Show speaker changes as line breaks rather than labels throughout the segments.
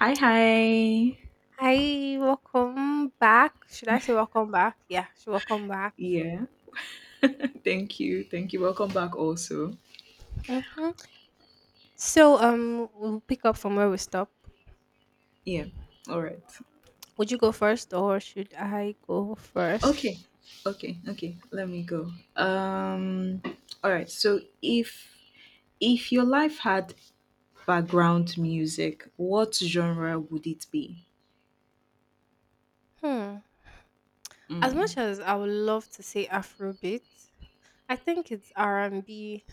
Hi, hi.
Hi, welcome back. Should I say welcome back? Yeah, should welcome back.
Yeah, thank you. Thank you. Welcome back, also.
Hmm So, we'll pick up from where we stop.
Yeah, all right.
Would you go first, or should I go
Okay,
first?
okay. Let me go. All right. So, if your life had background music, what genre would it be?
Hmm. As much
Mm.
as I would love to say Afrobeat, I think it's R and B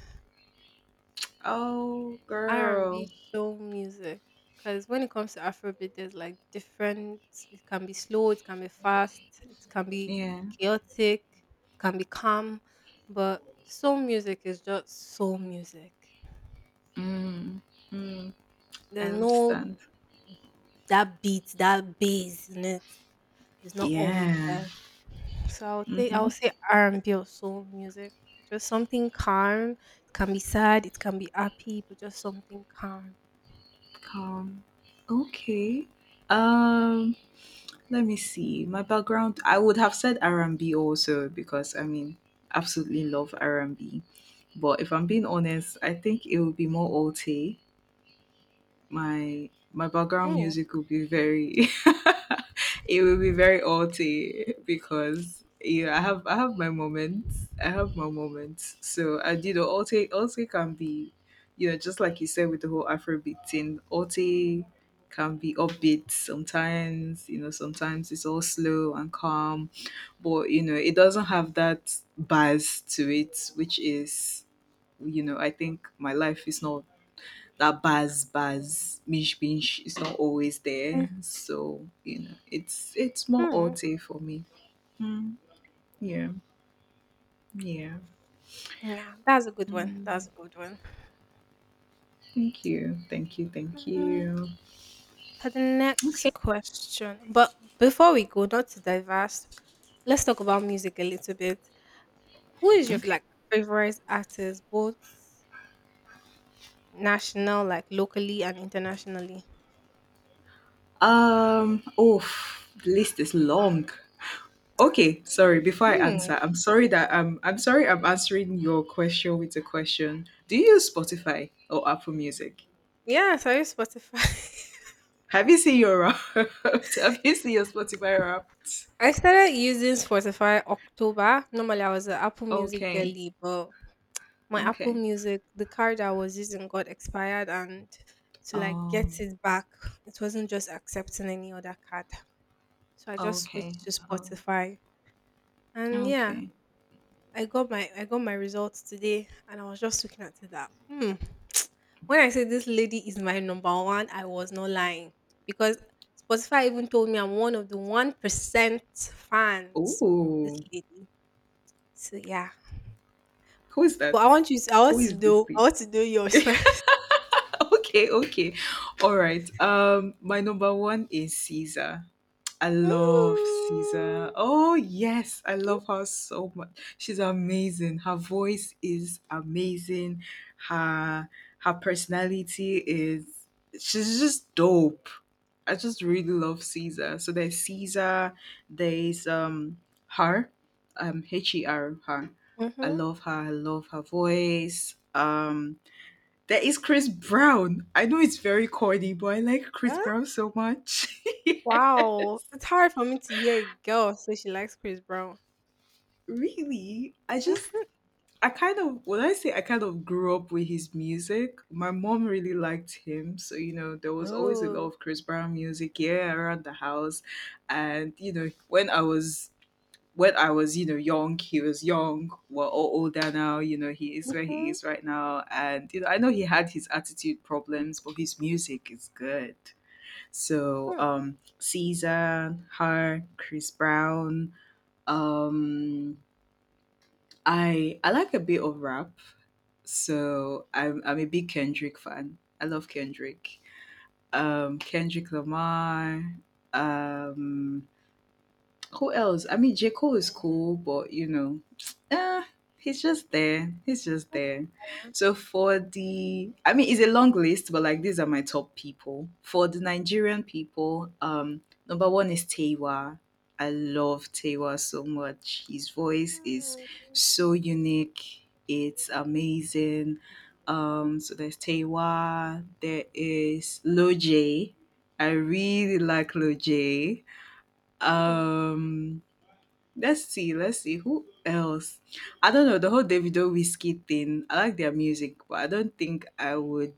Oh, girl.
R&B soul music because when it comes to Afrobeat, there's like different. It can be slow, it can be fast, it can be
Yeah.
chaotic, it can be calm, but soul music is just soul music.
Mm. Mm. I
There's no
understand.
that beat, that bass in it. It's not always
Yeah.
there. So I'll think
Mm-hmm.
I'll say R&B or soul music. Just something calm. It can be sad, it can be happy, but just something calm.
Calm. Okay. Um. Let me see. My background, I would have said R&B also because absolutely love R&B. But if I'm being honest, I think it would be more alt my background
Hmm.
music will be very it will be very alty because yeah I have my moments, I have my moments. So I alty can be, just like you said with the whole Afrobeat thing, alty can be upbeat sometimes. Sometimes it's all slow and calm, but it doesn't have that buzz to it, which is, I think my life is not that buzz mish binch, is not always there. So it's more
Mhm.
auto for me. Mm, yeah, yeah.
Yeah, that's a good one.
Mm,
That's a good one.
thank you, thank you, thank
Mm,
you.
For the next
Okay,
question, but before we go, not to diverse, let's talk about music a little bit. Who is your
okay.
like favorite artist, both national, like locally and internationally?
Oh, the list is long. Okay, sorry. Before I
Hmm.
answer, I'm sorry that I'm sorry I'm answering your question with a question. Do you use Spotify or Apple Music?
Yeah, so I use Spotify.
Have you seen your Wrapped? Have you seen your Spotify Wrapped?
I started using Spotify October. Normally, I was an Apple Music
Okay.
girly, but my Apple
Okay.
Music, the card I was using got expired and to like get
Um.
it back, it wasn't just accepting any other card. So I just switched
Okay.
to
Um.
Spotify. And yeah,
Okay.
I got my results today and I was just looking at it that hmm. When I say this lady is my number one, I was not lying. Because Spotify even told me I'm one of the 1% fans of this
Oh,
lady. So yeah.
who is
But I
that?
want you to, I want
Who
to
is this?
know I want to know yours first.
okay, okay. All right. My number one is Caesar. I love Caesar.
Ooh.
Oh yes, I
Mm.
love her so much. She's amazing. Her voice is amazing. Her her personality is, she's just dope. I just really love Caesar. So there's Caesar, there's her, H E R, her. I
Mhm.
love her. I love her voice. There is Chris Brown. I know it's very corny, but I like Chris
Huh?
Brown so much. Yeah.
Wow, it's hard for me to hear a girl say she likes Chris Brown.
Really, I kind of, when I say I kind of grew up with his music. My mom really liked him, so you know there was always a lot
Oh.
of Chris Brown music, yeah, around the house, and you know when I was, you know, young, he was young. We're all older now. You know he is where he
Mhm.
is right now, and you know I know he had his attitude problems, but his music is good. So
Hmm.
Caesar, her, Chris Brown. Um, I like a bit of rap, so I'm a big Kendrick fan. I love Kendrick. Kendrick Lamar. Um, who else? I mean, J. Cole is cool, but you know, uh, he's just there. He's just there.
Yeah.
So for the, I mean, it's a long list, but like these are my top people. For the Nigerian people, number one is Tewa. I love Tewa so much. His voice is so unique. It's amazing. So there's Tewa. There is Loj. I really like Loj.
Hmm.
Um, let's see who else. I don't know the whole Davido Whiskey thing. I like their music, but I don't think I would,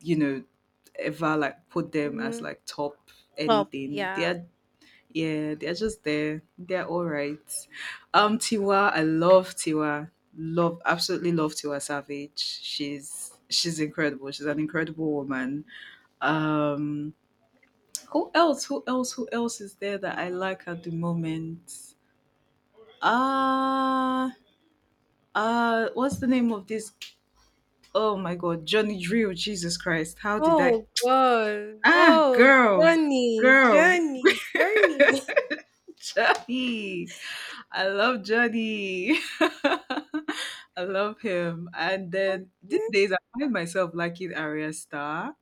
you know, ever like put them as
Mhm.
like top
Top,
anything.
yeah.
They're, yeah, they're just there. They're all right. Tiwa, I love Tiwa. Love, absolutely love Tiwa Savage. She's incredible. She's an incredible woman. Um, who else? Who else? Who else is there that I like at the moment? Uh what's the name of this? Oh my God, Johnny Drill, Jesus Christ, how did I?
Oh god.
Ah,
Oh,
girl,
Journey,
girl.
Journey, Journey.
Johnny, I love Johnny. I love him. And then these
Okay.
days I find myself liking Arya Star.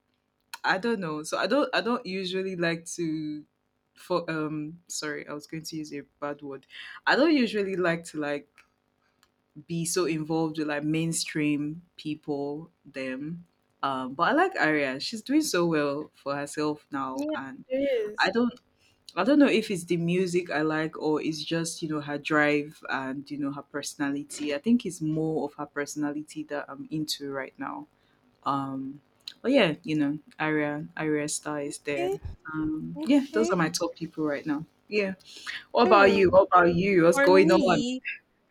I don't know, so I don't usually like to, for sorry I was going to use a bad word, I don't usually like to like be so involved with like mainstream people them. But I like Aria, she's doing so well for herself now.
Yeah,
And
there
i
is.
don't I don't know if it's the music I like or it's just, you know, her drive, and you know, her personality. I think it's more of her personality that I'm into right now. um but yeah, you know, Aria Star is there.
Okay,
Yeah, those
okay.
are my top people right now. Yeah, what about you?
Hmm.
What about you? What's
For
going on?
me,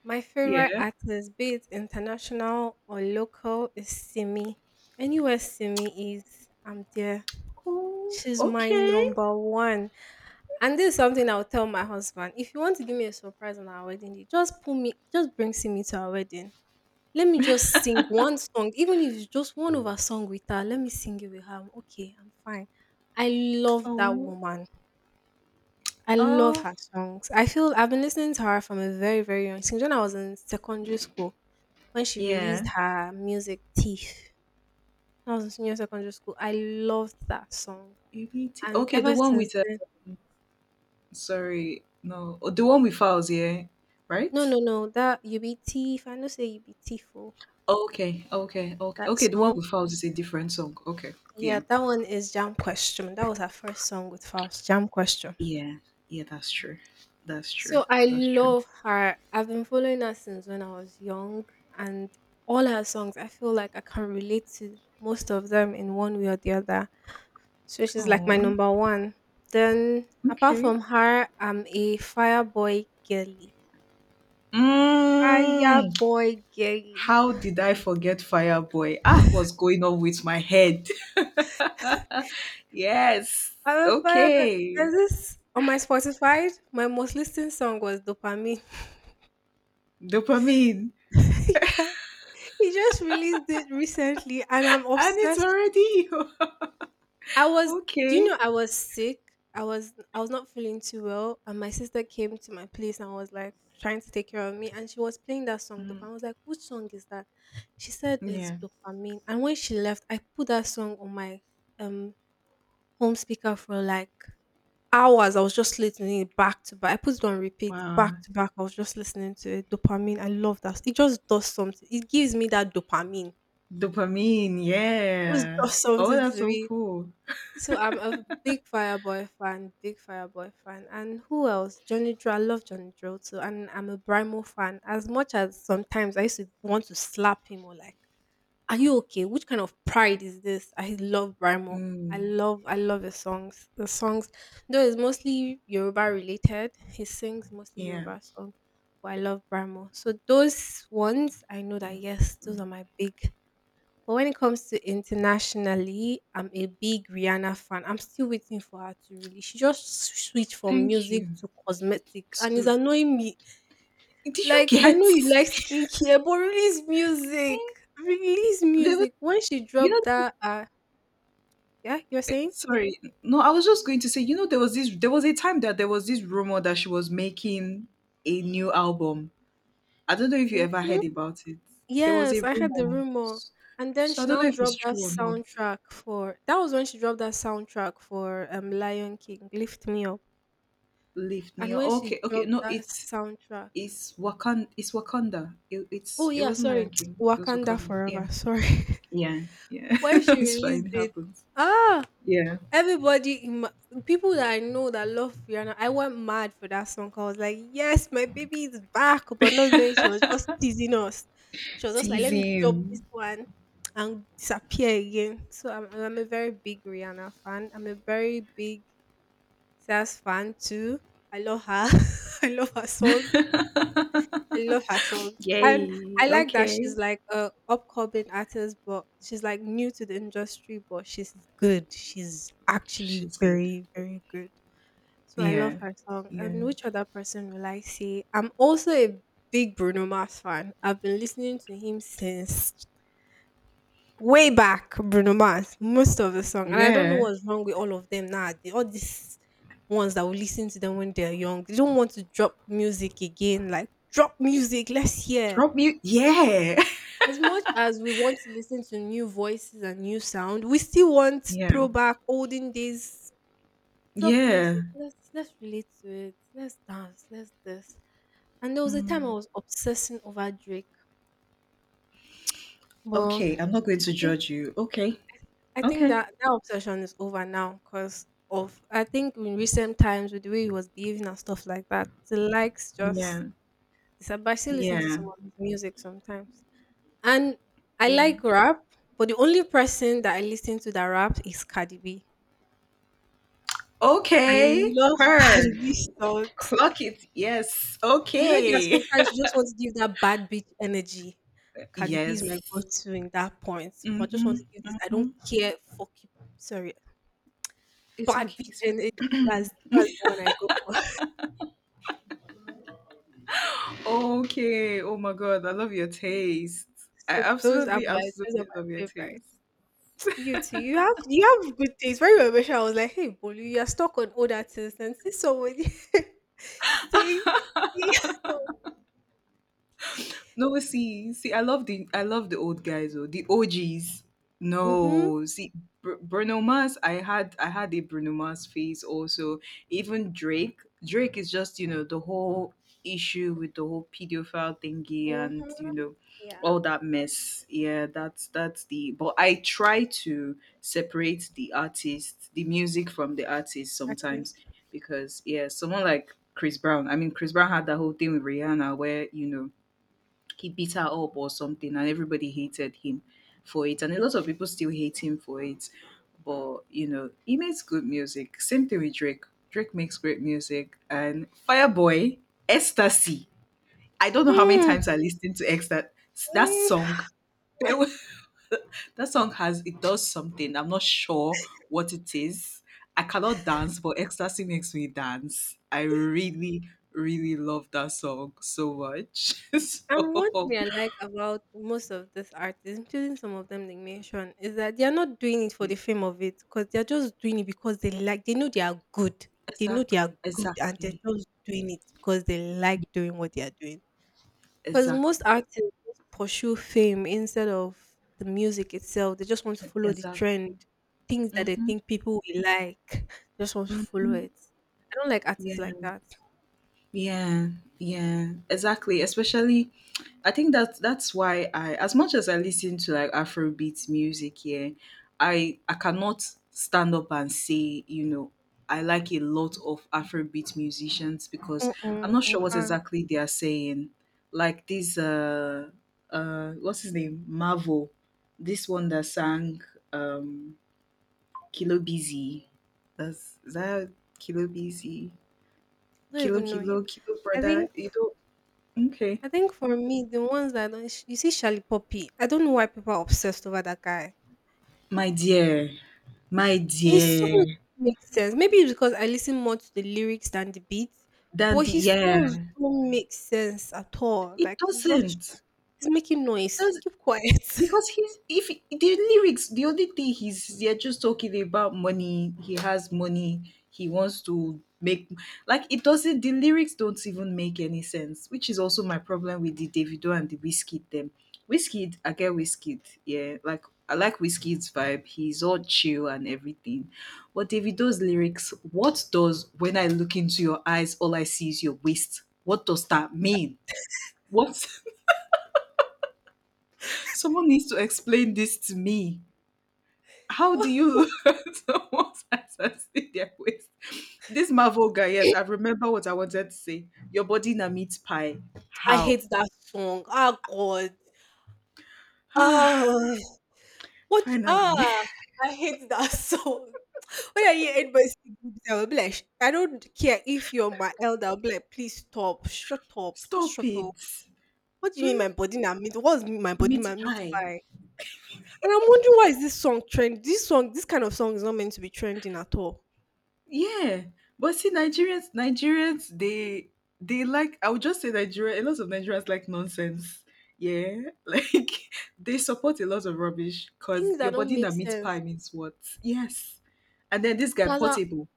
my favorite
Yeah,
artist, be it international or local, is Simi. Anywhere Simi is, I'm there.
oh
She's my
okay.
number one. And this is something I'll tell my husband. If you want to give me a surprise on our wedding day, just pull me, just bring Simi to our wedding. Let me just sing one song, even if it's just one of her song with her, let me sing it with her. I'm okay, I'm fine. I love that
Oh,
woman. I love
oh,
her songs. I feel I've been listening to her from a very, very young since when I was in secondary school when she released
yeah.
her music Thief. When I was in senior secondary school. I loved that song.
ABT.
And
Okay, the
ever
one
since
with
then,
sorry, no, oh, the one with Fouls, yeah,
no,
right?
no, no, that you be thief. I know say you be thief. Oh,
Okay, okay, okay,
that
okay. The one
song.
with Fouls is a different song. Okay, yeah,
Yeah, that one is Jam Question. That was her first song with Faust, Jam Question.
yeah, yeah. That's true. That's true.
So I
That's true.
love her. I've been following her since when I was young, and all her songs, I feel like I can relate to most of them in one way or the other. So she's like my
Oh,
number one. Then, apart
okay.
from her, I'm a fireboy girly.
Mm,
Fireboy girly.
how did I forget Fireboy? Ah, what's going on with my head? yes.
I'm a fire girl.
Okay.
There's this on my Spotify. My most listened song was Dopamine.
Dopamine.
yeah, he just released it recently, and I'm
And it's
obsessed.
already
I was, do you know
Okay.
I was sick? I was not feeling too well and my sister came to my place and was like trying to take care of me and she was playing that song
Mm,
dopamine. I was like, which song is that? She said it's
yeah.
dopamine. And when she left, I put that song on my um home speaker for like hours. I was just listening it back to back. I put it on repeat
Wow.
back to back. I was just listening to it. Dopamine. I love that. It just does something. It gives me that dopamine.
Dopamine.
It just
Yeah.
does
Oh,
something
that's
to
so
me.
cool.
So I'm a big Fireboy fan, big Fireboy fan. And who else? Johnny Drill. I love Johnny Drill too. And I'm a Brimo fan. As much as sometimes I used to want to slap him or like, are you okay? Which kind of pride is this? I love Brimo. I
Mm,
love I love his songs. The songs though it's mostly Yoruba related. He sings mostly
yeah.
Yoruba songs. But I love Brimo. So those ones I know that yes, those are my big, but when it comes to internationally, I'm a big Rihanna fan. I'm still waiting for her to release. She just switched from
Thank
music
you.
to cosmetic and it's
So-
annoying me.
Did you
Like, I
get?
know you like skincare, but release
eh,
music. Release
There was,
music. When she
you
dropped
know,
that, yeah, you're saying?
sorry. No, I was just going to say, you know, there was this, there was a time that there was this rumor that she was making a new album. I don't know if you ever
Mm-hmm.
heard about it. There was a
Yes, I heard the
rumor.
rumor. And then
So I
she
don't
now
know if it's
dropped that
true or not.
soundtrack for, that was when she dropped that soundtrack for Lion King, Lift Me Up.
Lift me
And
up.
when she
Okay, okay.
dropped
No,
that soundtrack,
it's Wakanda. It's Wakanda.
oh
It
yeah,
wasn't
sorry.
Lion King. It was
Wakanda
Wakanda. Yeah,
Forever. Sorry.
yeah, yeah.
when she
it's fine.
released
It
it,
happens.
ah,
Yeah,
everybody, in my, people that I know that love Rihanna, I went mad for that song. 'Cause I was like, yes, my baby is back, but not knowing she was just teasing us. She was just like, let me drop this
teasing.
one and disappear again. So I'm a very big Rihanna fan. I'm a very big Sas fan too. I love her. I love her songs. I love her song. And
Yay.
I like that
Okay.
she's like a upcoming artist, but she's like new to the industry, but she's good. She's actually
She's good.
very, very good. So I love
Yeah,
her song.
yeah,
And which other person will I say? I'm also a big Bruno Mars fan. I've been listening to him since way back, Bruno Mars, most of the song. And I don't know
yeah.
what's wrong with all of them now. All these ones that will listen to them when they're young. They don't want to drop music again. Like, drop music, let's hear
Drop mute. Yeah,
as much as we want to listen to new voices and new sound, we still want
yeah,
throwback olden days drop
yeah.
music. Let's relate to it. Let's dance. Let's this. And there was a time I
Mm.
was obsessing over Drake, but
Okay, I'm not going to
I think
judge you. Okay,
I think
okay.
that that obsession is over now because of I think in recent times with the way he was behaving and stuff like that, the likes just
Yeah,
disappear. I still listen to
yeah,
some of his music sometimes. And I
yeah.
like rap, but the only person that I listen to that raps is Cardi B. I
Okay,
love
her.
Cardi B songs.
Clock it. Yes.
You know, there are
Okay.
sometimes you just want to give that bad bitch energy. Cardi B is my
Yes.
go-to in that point. But I just want to
Mhm,
give this. I don't
mhm.
care. Fuck you. Sorry,
It's
bad
okay,
bitch
it's fine.
energy. That's the one I go for.
Okay, oh my God, I love your taste. I
So
absolutely,
those
absolutely
are my
love your
favorites.
taste.
You too. You have good things. Very well, I was like, hey, Bolu, you are stuck on older things and see somebody. See? See?
No, see, see, I love the, I love the old guys or the OGs.
Mhm.
No, see, Bruno Mars. I had a Bruno Mars phase also. Even Drake. Drake is just, you know, the whole issue with the whole pedophile thingy,
mm
and
Mhm.
you know,
Yeah.
all that mess. Yeah, that's the. But I try to separate the artist, the music from the artist sometimes,
Artist.
because yeah, someone like Chris Brown. I mean, Chris Brown had that whole thing with Rihanna where, you know, he beat her up or something, and everybody hated him for it, and a lot of people still hate him for it, but you know he makes good music. Same thing with Drake. Drake makes great music. And Fireboy, Ecstasy, I don't know how many times
Mm.
I listened to Ecstasy, that
Mm.
song. There was- that song has, it does something, I'm not sure what it is. I cannot dance, but Ecstasy makes me dance. I really, really love that song so much.
And one
So
thing I like about most of these artists, including some of them they mentioned, is that they are not doing it for
yeah.
the fame of it because they are just doing it because they like they know they are good. They know they are
Exactly,
good, and they're
exactly,
just doing it because they like doing what they are doing. Because
exactly,
most artists just pursue fame instead of the music itself. They just want to follow the
exactly.
trend, things that they
Mm-hmm,
think people will like. Just want to follow
mm-hmm.
it. I don't like
Yeah,
artists like that.
yeah, yeah, exactly. Especially, I think that that's why I, as much as I listen to like Afrobeat music, yeah, I cannot stand up and say, you know, I like a lot of Afrobeat musicians, because I'm
Mm-mm,
not
I
sure what
can't.
exactly they are saying. Like this, what's his name, Marvel, this one that sang, um Kilo Busy. That's, is that Kilo Busy?
I don't even know him.
Kilo
I
Brother.
think.
You know. Okay.
I think for me, the ones that I don't, sh- you see, Charlie Poppy. I don't know why people are obsessed over that guy.
My dear, my
His songs
dear,
make sense. Maybe it's because I listen more to the lyrics than the beats, but
dandy.
his
Yeah.
songs don't make sense at all.
It
Like it's just
doesn't.
it's making
It
noise.
does.
Keep quiet.
Because he's, if the lyrics, the only thing he's, they're just talking about money. He has money. He wants to make, like it doesn't. The lyrics don't even make any sense, which is also my problem with the Davido and the Whiskey them. Whiskey, I get Whiskey. Yeah, like I like Whiskey's vibe. He's all chill and everything. But Davido's lyrics, what does when I look into your eyes, all I see is your waist? What does that mean? What? Someone needs to explain this to me. How do you learn someone's answers in their waist? This Marvel guy, yes, I remember what I wanted to say. Your body na meat pie.
I
How?
hate that song. Ah, God.
Ah,
Ah, what?
Finally.
Ah, I hate that song. When I hear anybody singing, I will be like, "Sh- I don't care if you're my elder. I'll be like, please stop. Shut up. Just
Stop
shut
it.
up. What do you mean my body na meat? What's my body
Meat
na meat
pie.
by? And I'm wondering why is this song trend? This song, this kind of song is not meant to be trending at all.
Yeah. But see, Nigerians they like, I would just say Nigeria, a lot of Nigerians like nonsense. Yeah. Like they support a lot of rubbish, because
Things that
your
don't
body na
make
meat pie
sense.
means what? Yes. And then this guy
Taza,
Portable.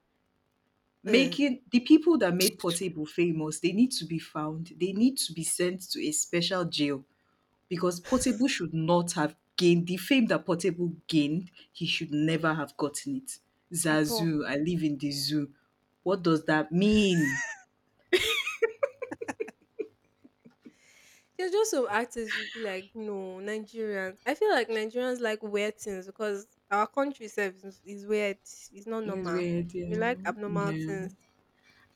uh,
Making the people that made Portable famous, they need to be found. They need to be sent to a special jail, because Portable should not have gained the fame that Portable gained. He should never have gotten it.
at all.
Zazu, I live in the zoo. What does that mean?
There's just some actors you'd be like, no, Nigerians. I feel like Nigerians like weird things because our country itself is weird. It's not
It's
normal.
weird,
We
yeah,
like abnormal
yeah.
things.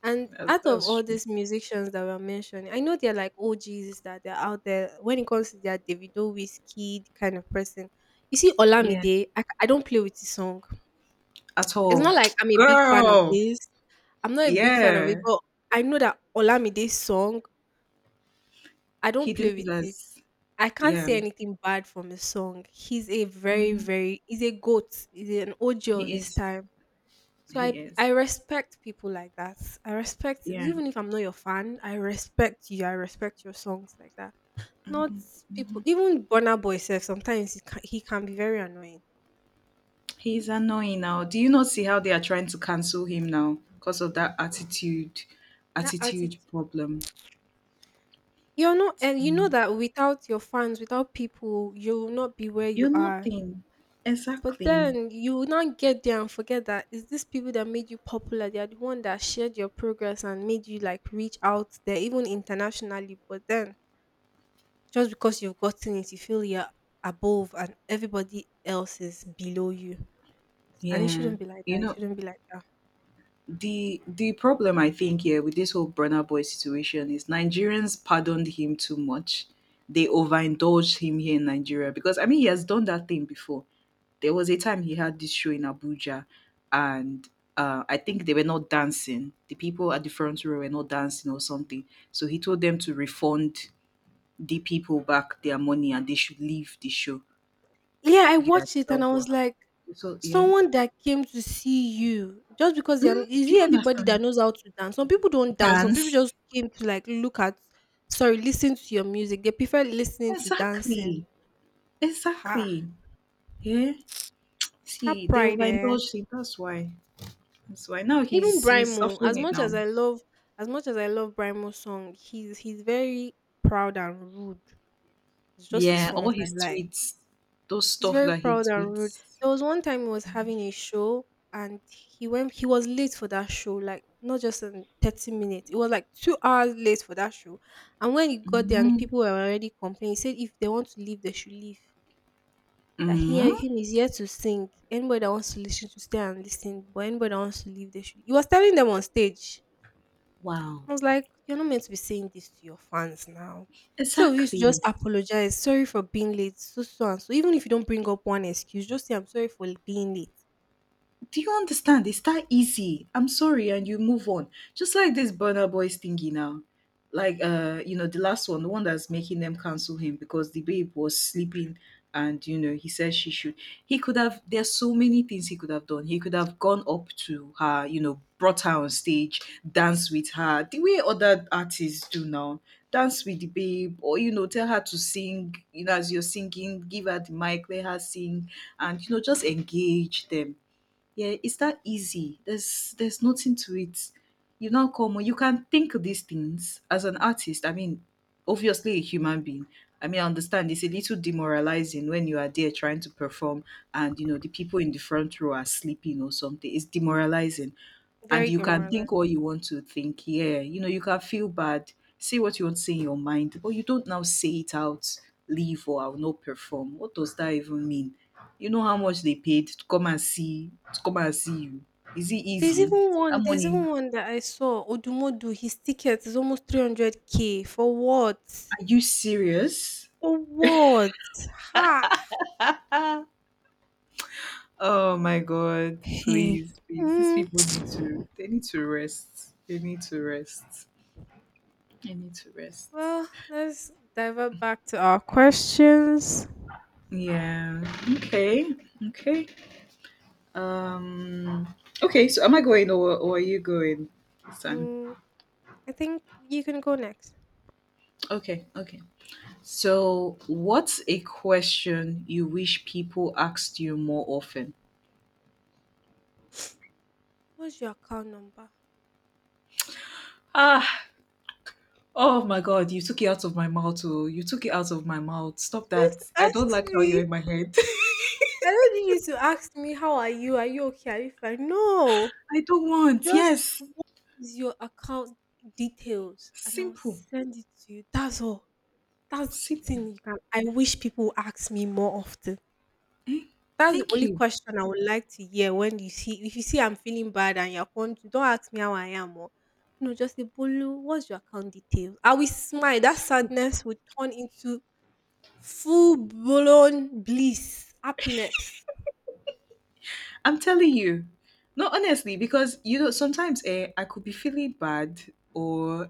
And
That's
out of
that's
all
true.
these musicians that were mentioned, I know they're like OGs that they're out there. When it comes to their Davido whiskey kind of person, you see
Yeah,
Olamide, I don't play with his song.
at
It's
all,
not like I'm a big fan of
girl.
this. I'm not a big fan of it,
Yeah,
but I know that Olamide's song I
he
don't play with it.
delivers.
I can't
Yeah,
say anything bad from his song. He's a very, very, he's a goat. He's an OG of
he
his
is.
time. So I
He
I
is.
respect people like that. I respect,
Yeah.
even if I'm not your fan, I respect you. I respect your songs like that. Not people, even Burna Boy says sometimes he can be very annoying.
He's annoying now. Do you not see how they are trying to cancel him now because of that
That attitude,
attitude problem?
you're not, and you know that without your fans, without people, you will not be where you
You're
are.
nothing.
But
Exactly.
then you will not get there and forget that it's these people that made you popular. They are the one that shared your progress and made you like reach out there, even internationally. But then just because you've gotten it, you feel you're above and everybody else is below you. And it
Yeah.
shouldn't be like
You
that. It
know,
shouldn't be like that.
the problem I think here with this whole Burna Boy situation is Nigerians pardoned him too much. They overindulged him here in Nigeria, because I mean he has done that thing before. There was a time he had this show in Abuja, and I think they were not dancing. The people at the front row were not dancing or something. So he told them to refund the people back their money and they should leave the show.
Yeah, I
Yeah,
watched it
that
and
was
I
what
was like,
happened. So yeah,
someone that came to see you just because they're, is
do
it
you
everybody
understand?
that knows how to dance? Some people don't dance, some people
Dance.
just came to like look at, sorry, listen to your music. They prefer listening to dancing.
Exactly.
Ha,
Exactly. Yeah.
that
See, they
pride eh.
overindulged him. That's why. That's why. Now
Even
he's
Brian
he's
Mo,
suffering
as
it
much
now.
as I love, Brian Mo's song, he's very proud and rude. It's just the
Yeah, all
songs I
his
like.
tweets, those
He's
stuff
very
that he
proud and rude.
tweets.
There was one time he was having a show, and he was late for that show, like not just in 30 minutes. It was like 2 hours late for that show. And when he got there and
Mm-hmm.
people were already complaining, he said if they want to leave, they should leave. That he,
Mm-hmm.
him is here to sing. Anybody that wants to listen to stay and listen, but anybody that wants to leave, they should. He was telling them on stage.
Wow.
I was like, you're not meant to be saying this to your fans now. Instead of you to just
Exactly.
apologize, sorry for being late, so so and so. Even if you don't bring up one excuse, just say I'm sorry for being late.
Do you understand? It's that easy. I'm sorry, and you move on. Just like this Burner Boys thingy now. Like the last one, the one that's making them cancel him because the babe was sleeping and he said she should. He could have There's so many things he could have done. He could have gone up to her, brought her on stage, danced with her, the way other artists do now. Dance with the babe, or tell her to sing, as you're singing, give her the mic, let her sing, and just engage them. Yeah, it's that easy. There's nothing to it. You now come you can think these things as an artist. I mean, obviously a human being. I mean, I understand it's a little demoralizing when you are there trying to perform and you know the people in the front row are sleeping or something. It's demoralizing and
Very
you can think
demoralized.
all you want to think. Yeah, you can feel bad, say what you want to say in your mind, but you don't now say it out, leave or I'll not perform. What does that even mean? You know how much they paid to come and see you. Is it
There's
easy?
even
That
one. There's
money.
even one that I saw. Odumodu, his ticket is almost 300k for what?
Are you serious?
For what? Ha.
Oh my god,
Hey.
please, please. These
Mm.
people need to They need to rest. They need to rest. They need to rest.
Well, let's divert back to our questions.
Yeah. Okay. Okay. Um. Okay. So, am I going or are you going this time?
Mm, I think you can go next.
Okay. Okay. So, what's a question you wish people asked you more often?
What's your account number?
Ah, oh my God, you took it out of my mouth. Oh, you took it out of my mouth. Stop that. I don't
Ask
like how you're
me.
in my head.
I don't need you to ask me how are you? Are you okay? Are you fine? No.
I don't want.
Just,
Yes.
is your account details and I'll
Simple.
send it to you. That's all. That's the
Simple.
thing, you can, I wish people would ask me more often. That's the
Thank
only
you.
question I would like to hear. When you see, if you see I'm feeling bad and you're wondering, don't ask me how I am or no, just say Bolu, what's your account details? I will smile. That
Simple.
sadness would turn into full-blown bliss, happiness.
I'm telling you. No, honestly, because sometimes I could be feeling bad or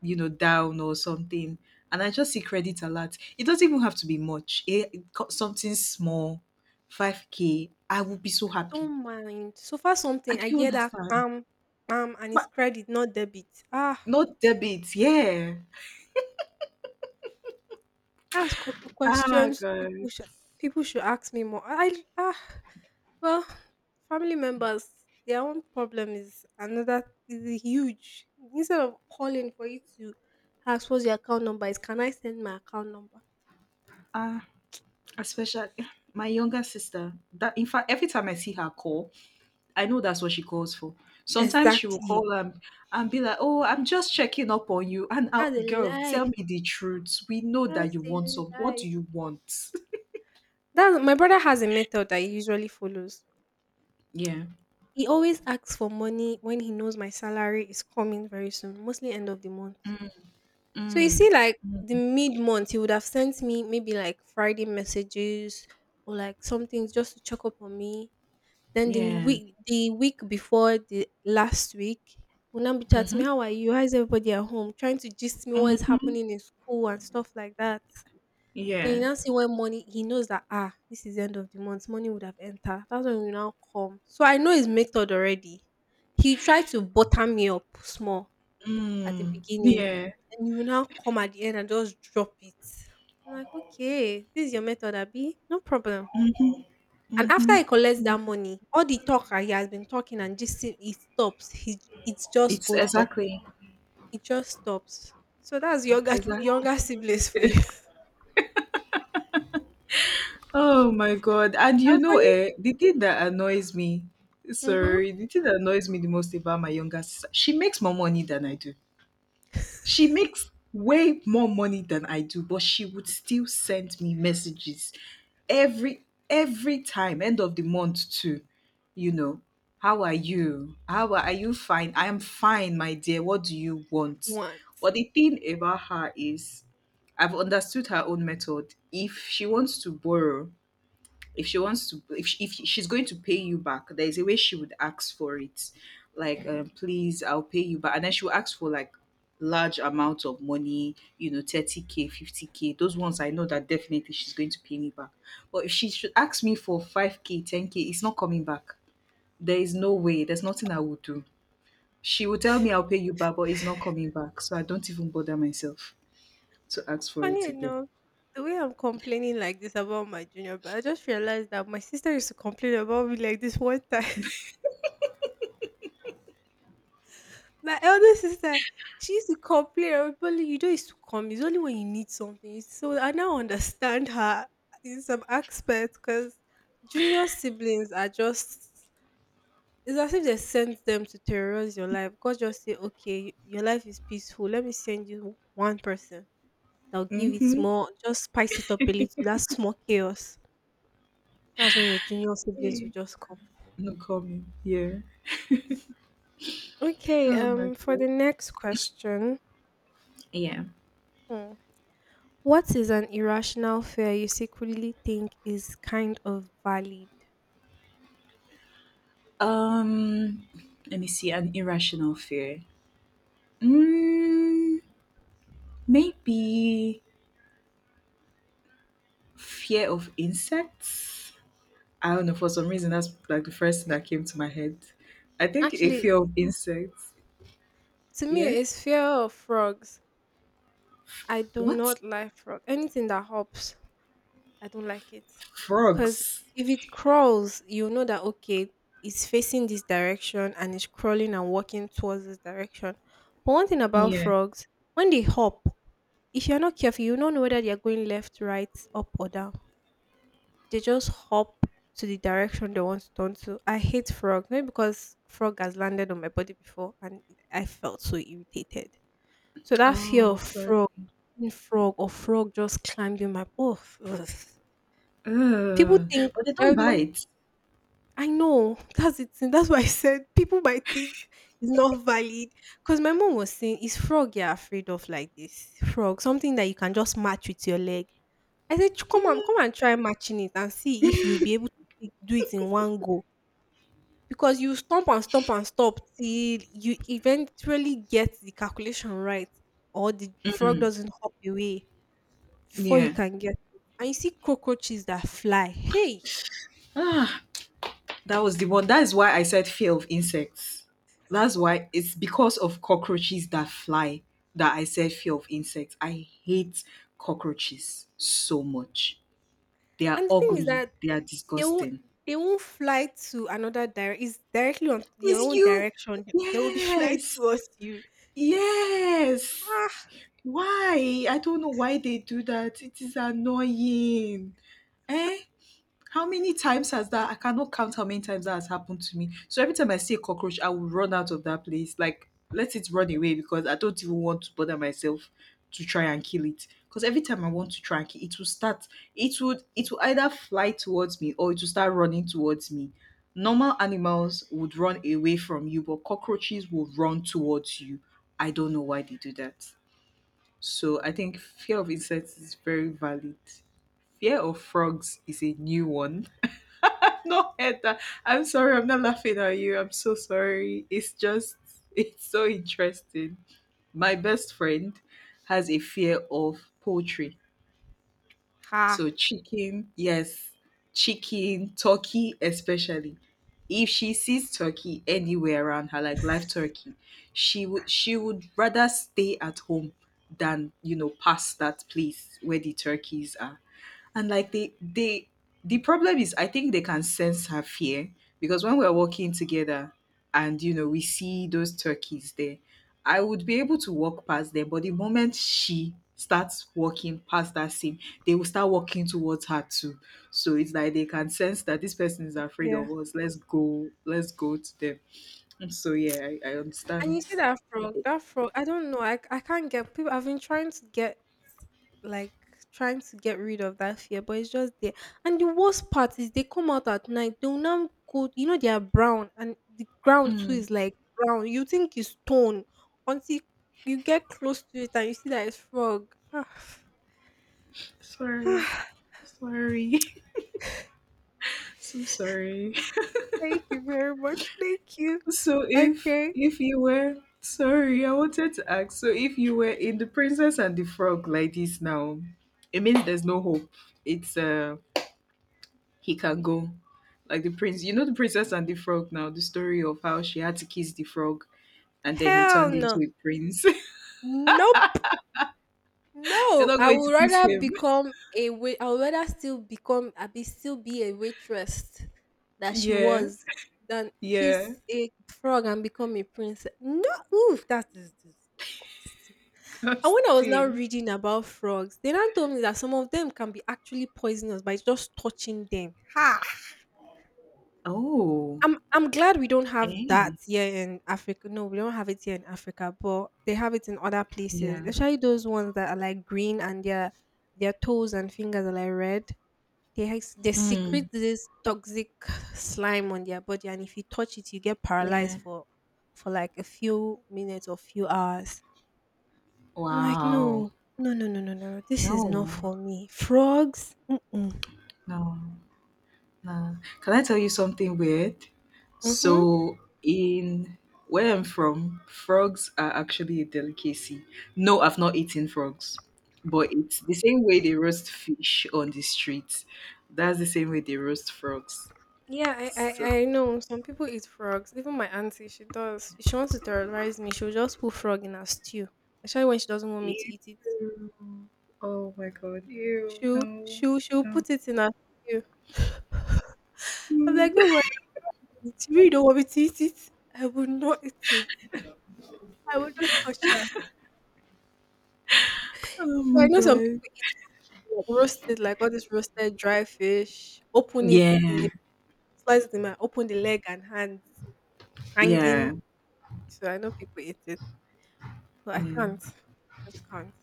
down or something, and I just see credit alert. It doesn't even have to be much. Something small, 5K. I would be so happy.
Don't mind. So far
I
something, I
do
hear that
understand,
and it's
but
credit, not debit. Ah,
not debit. Yeah.
that's q the
Ah,
questions
God.
people should, people should ask me more. Well, family members, their own problem is another, is huge. Instead of calling for you to ask what's your account number, is "Can I send my account number?"
Ah, especially my younger sister. That in fact, every time I see her call, I know that's what she calls for. Sometimes she will
Exactly.
call and be like, "Oh, I'm just checking up on you." And I,
That's a
girl,
lie.
tell me the truth. We know that
That's
you want
a
some. What
lie.
do you want?
That my brother has a method that he usually follows.
Yeah.
He always asks for money when he knows my salary is coming very soon, mostly end of the month.
Mm-mm.
So you
Mm.
see, like the mid month, he would have sent me maybe like Friday messages, or like some things just to check up on me. Then the
Yeah.
week, the week before the last week, will now be chatting me,
Mhm.
how are you? How is everybody at home? Trying to gist me what is
Mhm.
happening in school and stuff like that. Then you
Yeah.
now see when money, he knows that ah, this is the end of the month, money would have entered. That's when you now come. So I know his method already. He tried to butter me up small at the
Mm.
beginning,
Yeah.
and you now come at the end and just drop it. I'm like, okay, this is your method, Abby. No problem.
Mhm.
And
Mhm.
after he collects
Mm.
that money, all the talk that he has been talking and just it stops. He, it just
It's
goes up.
exactly,
It just stops. So that's younger
exactly.
younger siblings for you.
Oh my god! And
I'm funny.
the thing that annoys me.
Mm-hmm.
Sorry, the thing that annoys me the most about my younger sister, she makes more money than I do. She makes way more money than I do, but she would still send me messages every time, end of the month too. You know, how are you? How are you fine? I am fine, my dear. What do you want?
One.
But the thing about her is I've understood her own method. If she wants to borrow, if she's going to pay you back there is a way she would ask for it like please I'll pay you back, and then she will ask for like large amounts of money, 30K, 50K. Those ones I know that definitely she's going to pay me back, but if she should ask me for 5K, 10K, it's not coming back. There is no way, there's nothing I would do. She will tell me I'll pay you back, but it's not coming back, so I don't even bother myself to ask for it
Funny
again.
enough, the way I'm complaining like this about my junior, but I just realized that my sister used to complain about me like this one time. My elder sister, she used to complain, everybody, you don't used to come. It's only when you need something. So I now understand her in some aspects, because junior siblings are just. It's as if they sent them to terrorize your life. God just say, okay, your life is peaceful. Let me send you one person. I'll give it
Mm-hmm.
small, just spice it up a little. That's small chaos. That's when your junior siblings will just come.
No coming. Yeah.
Okay,
Oh my
for
god.
the next question,
Yeah.
hmm, what is an irrational fear you secretly think is kind of valid?
Um, let me see. An irrational fear. Mm, maybe fear of insects. I don't know. For some reason, that's like the first thing that came to my head. I think a
Actually,
fear of insects.
to me,
Yeah.
it's fear of frogs. I do
What?
not like frog. Anything that hops, I don't like it. Because
Frogs.
if it crawls, you know that, okay, it's facing this direction and it's crawling and walking towards this direction. But one thing about
Yeah.
frogs, when they hop, if you're not careful, you don't know whether they're going left, right, up, or down. They just hop to the direction they want to turn to. I hate frogs, maybe because frog has landed on my body before and I felt so irritated. So that fear
Oh,
of
sorry.
frog, being frog or frog just climbed in my, oh, ugh. People
Ugh.
think,
But they don't
my mom,
bite.
I know, that's it. That's why I said people might think it's not valid, because my mom was saying, "It's frog you're afraid of like this, frog, something that you can just match with your leg." I said, "Ch Come on, come and try matching it and see if you'll be able to do it in one go, because you stomp and stomp and stop till you eventually get the calculation right, or the frog doesn't hop away before you
Yeah.
can get it." And you see cockroaches that fly, hey!
Ah, that was the one. That is why I said fear of insects. That's why. It's because of cockroaches that fly that I said fear of insects. I hate cockroaches so much. They are
And the thing is
ugly.
that,
They are
They won't
disgusting.
they won't fly to another dire it's directly on their
Is
own
you?
direction. They will be flying
Yes.
towards you.
Yes.
Ah,
Why? I don't know why they do that. It is annoying. Eh? How many times has that I cannot count how many times that has happened to me. So every time I see a cockroach, I will run out of that place. Like, let it run away, because I don't even want to bother myself to try and kill it. Because every time I want to try and kill it, will start it would it will either fly towards me or it will start running towards me. Normal animals would run away from you, but cockroaches will run towards you. I don't know why they do that. So I think fear of insects is very valid. Fear of frogs is a new one. Not heard that. I'm sorry, I'm not laughing at you. I'm so sorry. It's just, it's so interesting. My best friend has a fear of poultry.
ha.
So, chicken, yes, chicken, turkey, especially. If she sees turkey anywhere around her, like live turkey, she would rather stay at home than pass that place where the turkeys are. And like the problem is I think they can sense her fear, because when we're walking together and we see those turkeys there, I would be able to walk past them, but the moment she starts walking past that scene, they will start walking towards her too. So it's like they can sense that this person is afraid
Yeah.
of us. Let's go to them. So yeah, I
And
understand.
you see that frog, I don't know. I can't get people. I've been trying to like, get rid of that fear, but it's just there. And the worst part is they come out at night, they'll now go, you know, they are brown, and the ground too
Mm,
is like brown. You think it's stone until you get close to it and you see that it's frog. Ah.
sorry, sorry, so sorry.
Thank you very much. Thank you.
So if
Okay.
if you were, sorry, I wanted to ask. So if you were in the Princess and the Frog like this now, it means there's no hope. It's he can go. Like the prince, you know the Princess and the Frog now, the story of how she had to kiss the frog and then he
Hell
turned into
no.
a prince.
Nope.
You're
No.
not
I
going to
would
kiss
rather
him.
become a wait. I would rather still become. I be still be a waitress that she
Yeah.
was, than
Yeah.
kiss a frog and become a princess. No. Oof. That is disgusting. And when I was now
Casting.
reading about frogs, they now told me that some of them can be actually poisonous by just touching them. Ha.
Oh.
I'm glad we don't have that
Eh.
here in Africa. No, we don't have it here in Africa, but they have it in other places.
Yeah.
Especially those ones that are like green and their toes and fingers are like red. They they
Mm.
secrete this toxic slime on their body, and if you touch it, you get paralyzed
Yeah.
for like a few minutes or few hours. I'm like,
Wow.
no, no, no, no, no, no, no. This is not
No.
for me. Frogs. Mm-mm.
No. Uh, can I tell you something weird?
Mm-hmm.
So, in where I'm from, frogs are actually a delicacy. No, I've not eaten frogs, but it's the same way they roast fish on the streets. That's the same way they roast frogs.
Yeah, I,
So,
I, I know. Some people eat frogs. Even my auntie, she does. If she wants to terrorize me, she'll just put frog in her stew. Especially when she doesn't want me to
ew.
eat it.
Oh my god, ew,
She'll
no,
she'll she'll
no.
put it in her stew. I'm
Mm.
like, don't worry, if you really don't want me to eat it, I will not eat it. I will not touch that.
Oh
So I
my
know some
god.
people eat frog, like roasted, like all this roasted dry fish. Open it in
Yeah,
the, slice it in my, open the leg and hands hanging.
yeah,
So I know people eat it, but I can't.
yeah.
I just can't.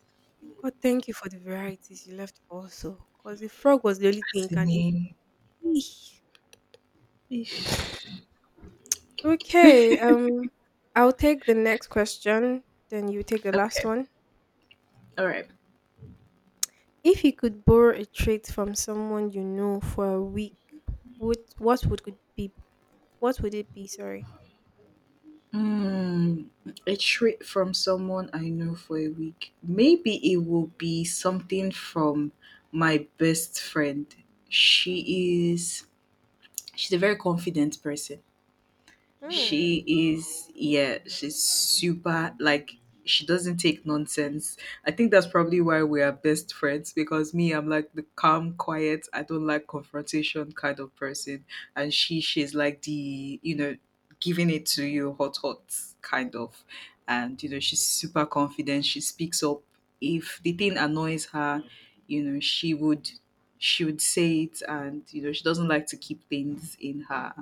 God, thank you for the varieties you left for us, because the frog was the only thing you can eat.
Fascinating.
Eesh.
Ish.
Okay, um, I'll take the next question, then you take the last
Okay,
one.
all right.
If you could borrow a trait from someone you know for a week, would what would it be? What would it be? Sorry.
Mm, a treat from someone I know for a week. Maybe it will be something from my best friend. She is she's a very confident person.
Hmm.
She is, yeah, she's super, like, she doesn't take nonsense. I think that's probably why we are best friends, because me, I'm like the calm, quiet, I don't like confrontation kind of person, and she's like the, giving it to you hot hot kind of. And she's super confident, she speaks up if the thing annoys her. you know she would she would say it, and she doesn't like to keep things in her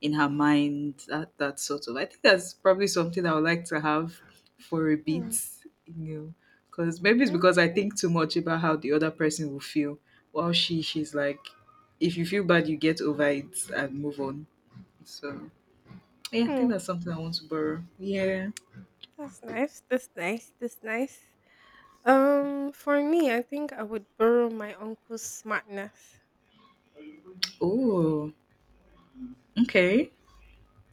in her mind, that sort of. I think that's probably something I would like to have for a
Hmm.
bit, because maybe it's
Hmm.
because I think too much about how the other person will feel, while she's like, if you feel bad you get over it and move on. So yeah, I think
hmm.
that's something I want to borrow. Yeah.
That's nice. That's nice. That's nice. For me, I think I would borrow my uncle's smartness.
Oh, okay.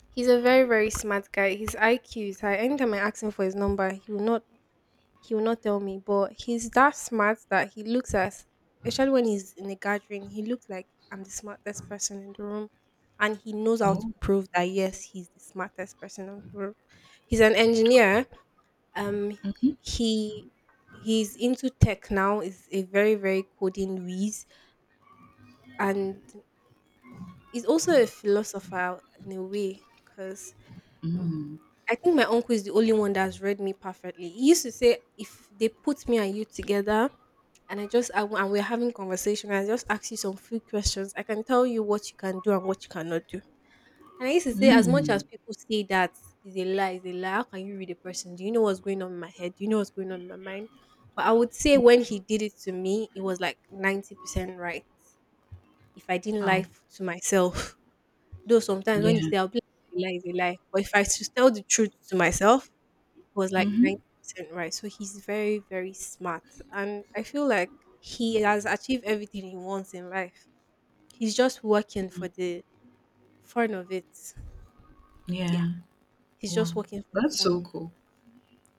He's a very, very smart guy. His IQ is high. Anytime I ask him for his number, he will not tell me. But he's that smart that he looks at especially when he's in a gathering, he looks like I'm the smartest person in the room. And he knows how
Oh.
to prove that, yes, he's the smartest person in the room. He's an engineer. Um he he's into tech now, is a very, very coding whiz, and he's also a philosopher in a way, because I think my uncle is the only one that's read me perfectly. He used to say, if they put me and you together, and I just I, w- and we're having conversation, and I just ask you some few questions, I can tell you what you can do and what you cannot do. And I used to say, as much
Mm.
as people say that, is a lie, is a lie. How can you read a person? Do you know what's going on in my head? Do you know what's going on in my mind? But I would say when he did it to me, it was like 90% right. If I didn't lie
Wow.
to myself, though sometimes when he
Yeah.
said I'll be like, "It's A lie, is a lie. But if I should tell the truth to myself, was like
Mm-hmm.
90% right." So he's very, very smart. And I feel like he has achieved everything he wants in life. He's just working for the fun of it. Yeah.
Yeah.
He's
Wow,
just working for the
that's
fun of
so
it.
cool.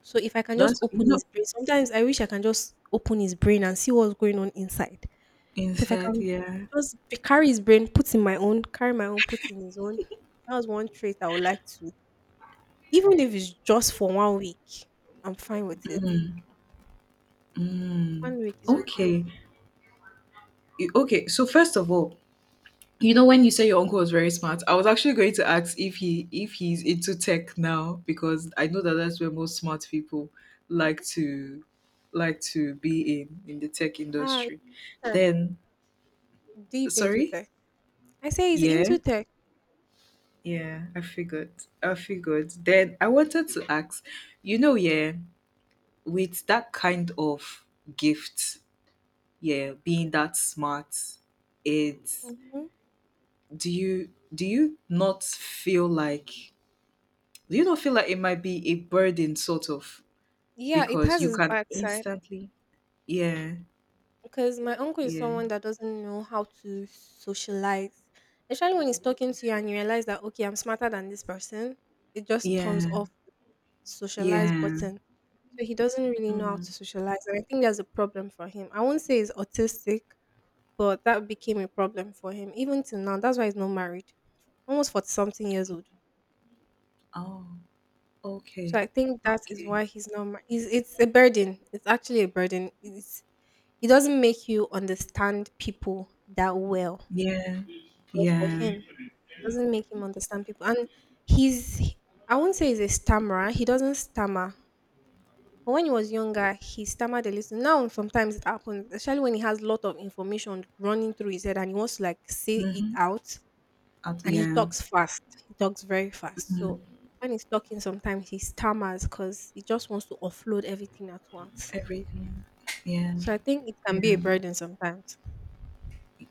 So if I can just
That's, you
open
know,
his brain, sometimes I wish I can just open his brain and see what's going on inside. So if I
inside.
can
Yeah.
just carry his brain, put in my own, carry my own, put in his own. That was one trait I would like to. Even if it's just for 1 week, I'm fine with it.
Mm.
1 week is okay.
Okay. Okay, so first of all, you know, when you say your uncle was very smart, I was actually going to ask if he if he's into tech now, because I know that that's where most smart people like
Mhm.
to like to be, in the tech
Ah, into
industry.
tech,
Then
deep into
sorry.
tech. I say he's
Yeah,
into tech.
yeah, I figured. Then I wanted to ask, you know, yeah, with that kind of gift, yeah, being that smart, it's
Mhm.
do you not feel like, it might be a burden, sort of,
Yeah, it
because
has
you
its
can
bad side
instantly, yeah,
because my uncle is
yeah,
someone that doesn't know how to socialize. Especially when he's talking to you and you realize that, okay, I'm smarter than this person, it just turns
yeah,
off the socialize
yeah.
button. So he doesn't really know how
Mm,
to socialize, and I think that's a problem for him. I won't say he's autistic, but that became a problem for him even till now. That's why he's not married. Almost 40 something years old.
oh,
So
okay.
I think that is
Okay,
why he's not mar- he's, it's a burden. It's actually a burden. It's, it doesn't make you understand people that well.
yeah,
But for
yeah.
him, doesn't make him understand people. And he's, I won't say he's a stammerer. He doesn't stammer. But when he was younger, he stammered a little. Now, sometimes it happens, especially when he has a lot of information running through his head and he wants to like say it
Mm-hmm.
out. And he
Yeah.
talks fast. He talks very fast.
Mm,
So when he's talking, sometimes he stammers because he just wants to offload everything at once.
everything, yeah,
So I think it can be a
yeah.
burden sometimes.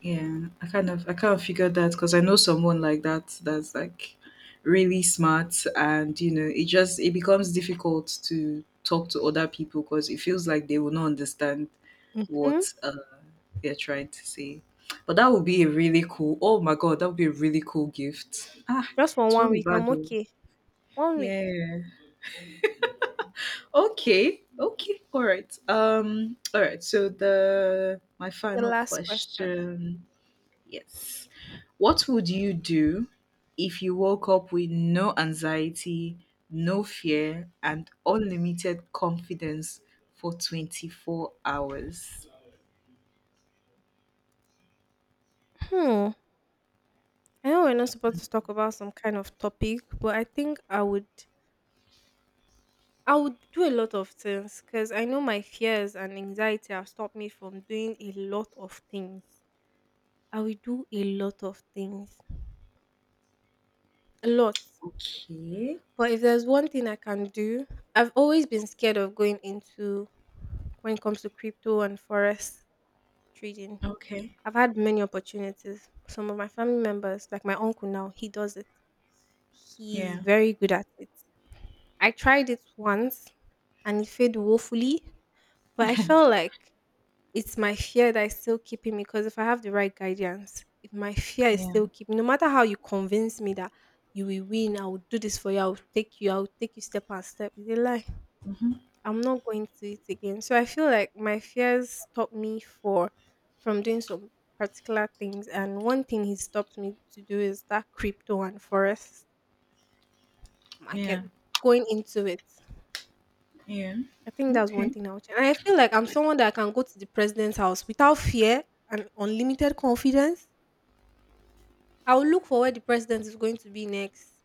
Yeah, I kind of figured that, because I know someone like that that's like really smart, and it becomes difficult to talk to other people, because it feels like they will not understand
Hmm?
what they're trying to say. But that would be a really cool. Oh my god, that would be a really cool gift. Ah,
Just for
it will
one
not be
week,
bad
I'm
though.
okay. 1 week.
Yeah. Okay. Okay. All right. All right. So the my
The
final
last question.
question. Yes. What would you do if you woke up with no anxiety, no fear, and unlimited confidence for 24 hours?
Hmm. I know we're not supposed to talk about some kind of topic, but I would do a lot of things because I know my fears and anxiety have stopped me from doing a lot of things. I will do a lot of things. A lot.
Okay.
But if there's one thing I can do, I've always been scared of going into, when it comes to crypto and forex trading.
Okay.
I've had many opportunities. Some of my family members, like my uncle now, he does it. He's
Yeah.
very good at it. I tried it once and it failed woefully, but I felt like it's my fear that is still keeping me. Because if I have the right guidance, if my fear is
Yeah.
still keeping, no matter how you convince me that you will win, I will do this for you, I will take you step by step. It's a lie. I'm not going to it again. So I feel like my fears stopped me for from doing some particular things. And one thing he stopped me to do is that crypto and forest market,
Yeah.
going into it.
Yeah.
I think that's one
Okay.
thing I'll change. And I feel like I'm someone that can go to the president's house without fear and unlimited confidence. I will look for where the president is going to be next.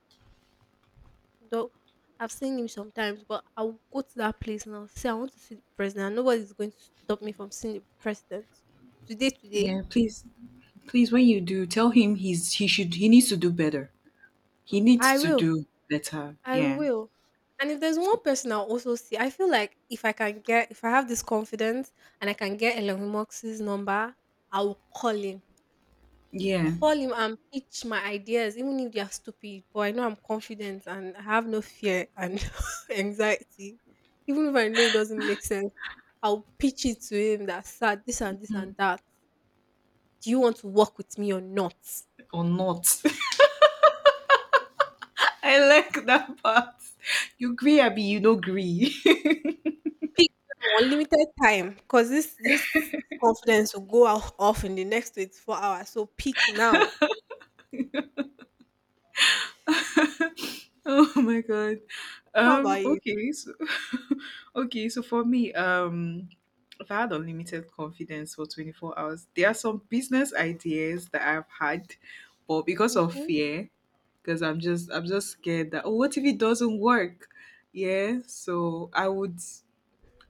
Though I've seen him sometimes, but I'll go to that place and I'll say I want to see the president. And Nobody's going to stop me from seeing the president. Today, today.
Yeah, please. Please, when you do, tell him he's he should he needs to do better. He
Oh, I
needs to
will.
do better.
I
Yeah.
will. And if there's one person I'll also see, I feel like if I have this confidence and I can get Elon Musk's number, I will call him.
Yeah.
Call him and pitch my ideas, even if they are stupid. But I know I'm confident and I have no fear and anxiety. Even if I know it doesn't make sense. I'll pitch it to him that, "Sir, this and this and that. Do you want to work with me or not?
Or not. I like that part. You agree, Abby, you no agree.
Pick now, unlimited time. Cause this confidence will go off in the next 24 hours, so pick now."
Oh my god.
How about you?
Okay, so okay, so for me, if I had unlimited confidence for 24 hours, there are some business ideas that I've had, but because of
Mhm.
fear, because I'm just scared that, oh, what if it doesn't work? Yeah, so I would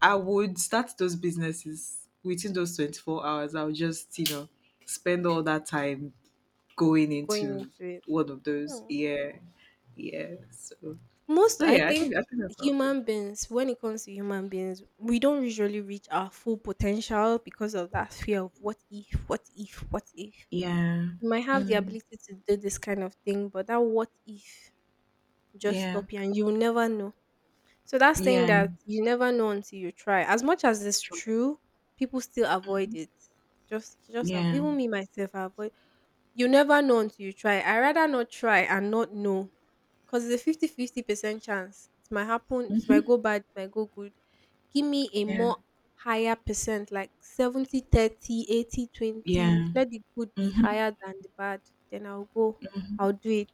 I would start those businesses within those 24 hours. I would just, spend all that time going
Going
into
into it.
one of those.
Oh.
Yeah, yeah. So,
Most,
so
I
yeah, I
think,
think I think that's how I'll do.
human beings, when it comes to human beings, we don't usually reach our full potential because of that fear of what if, what if, what if.
Yeah.
You might have the
Mm.
ability to do this kind of thing, but that what if just
Yeah.
stop here, and you will never know. So that's saying
Yeah.
that you never know until you try. As much as it's
Try it.
true, people still avoid
Mhm.
it.
Yeah.
Even me myself I avoid, you never know until you try. I rather not try and not know. Cause it's a 50-50% chance. It might happen, it might go bad, it might go good. Give me a
Yeah.
more higher percent, like 70, 30, 80, 20.
Yeah.
Let the good be
Mhm.
higher than the bad. Then I'll go. I'll do it.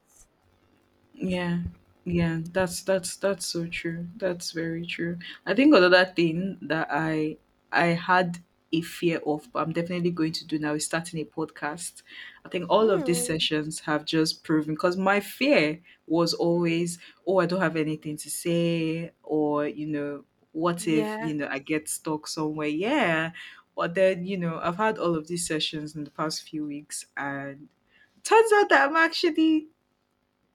Yeah, yeah, that's so true. That's very true. I think another thing that I had a fear of, but I'm definitely going to do now, is starting a podcast. I think all of these
Hmm.
sessions have just proven, because my fear was always, oh, I don't have anything to say, or what if
Yeah.
I get stuck somewhere? Yeah, but then I've had all of these sessions in the past few weeks, and turns out that I'm actually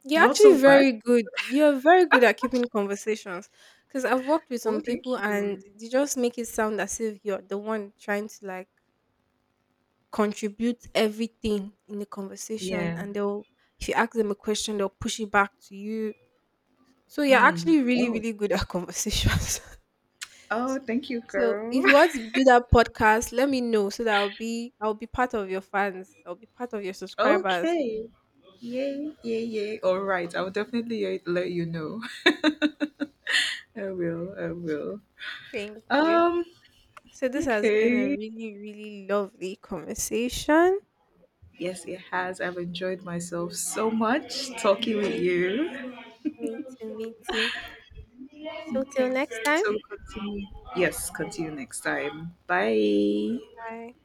You're
not so
actually
bad.
very good. You're very good at keeping conversations. Because I've worked with
Oh,
some people
thank
and
you.
they just make it sound as if you're the one trying to like contribute everything in the conversation.
Yeah.
And they'll, if you ask them a question, they'll push it back to you. So you're
Mm.
actually really,
Oh.
really good at conversations.
Oh, thank you,
So
girl.
if you want to do that podcast, let me know so that I'll be part of your fans. I'll be part of your subscribers.
Okay. Yay, yay, yay. All right. I'll definitely let you know. I will. I will.
Thank you.
Um.
So this has been a
Okay.
really, really lovely conversation.
Yes, it has. I've enjoyed myself so much talking with
Me,
you.
Me too, me too. So till
Okay.
next time.
So continue. Yes, continue next time. Bye.
Bye.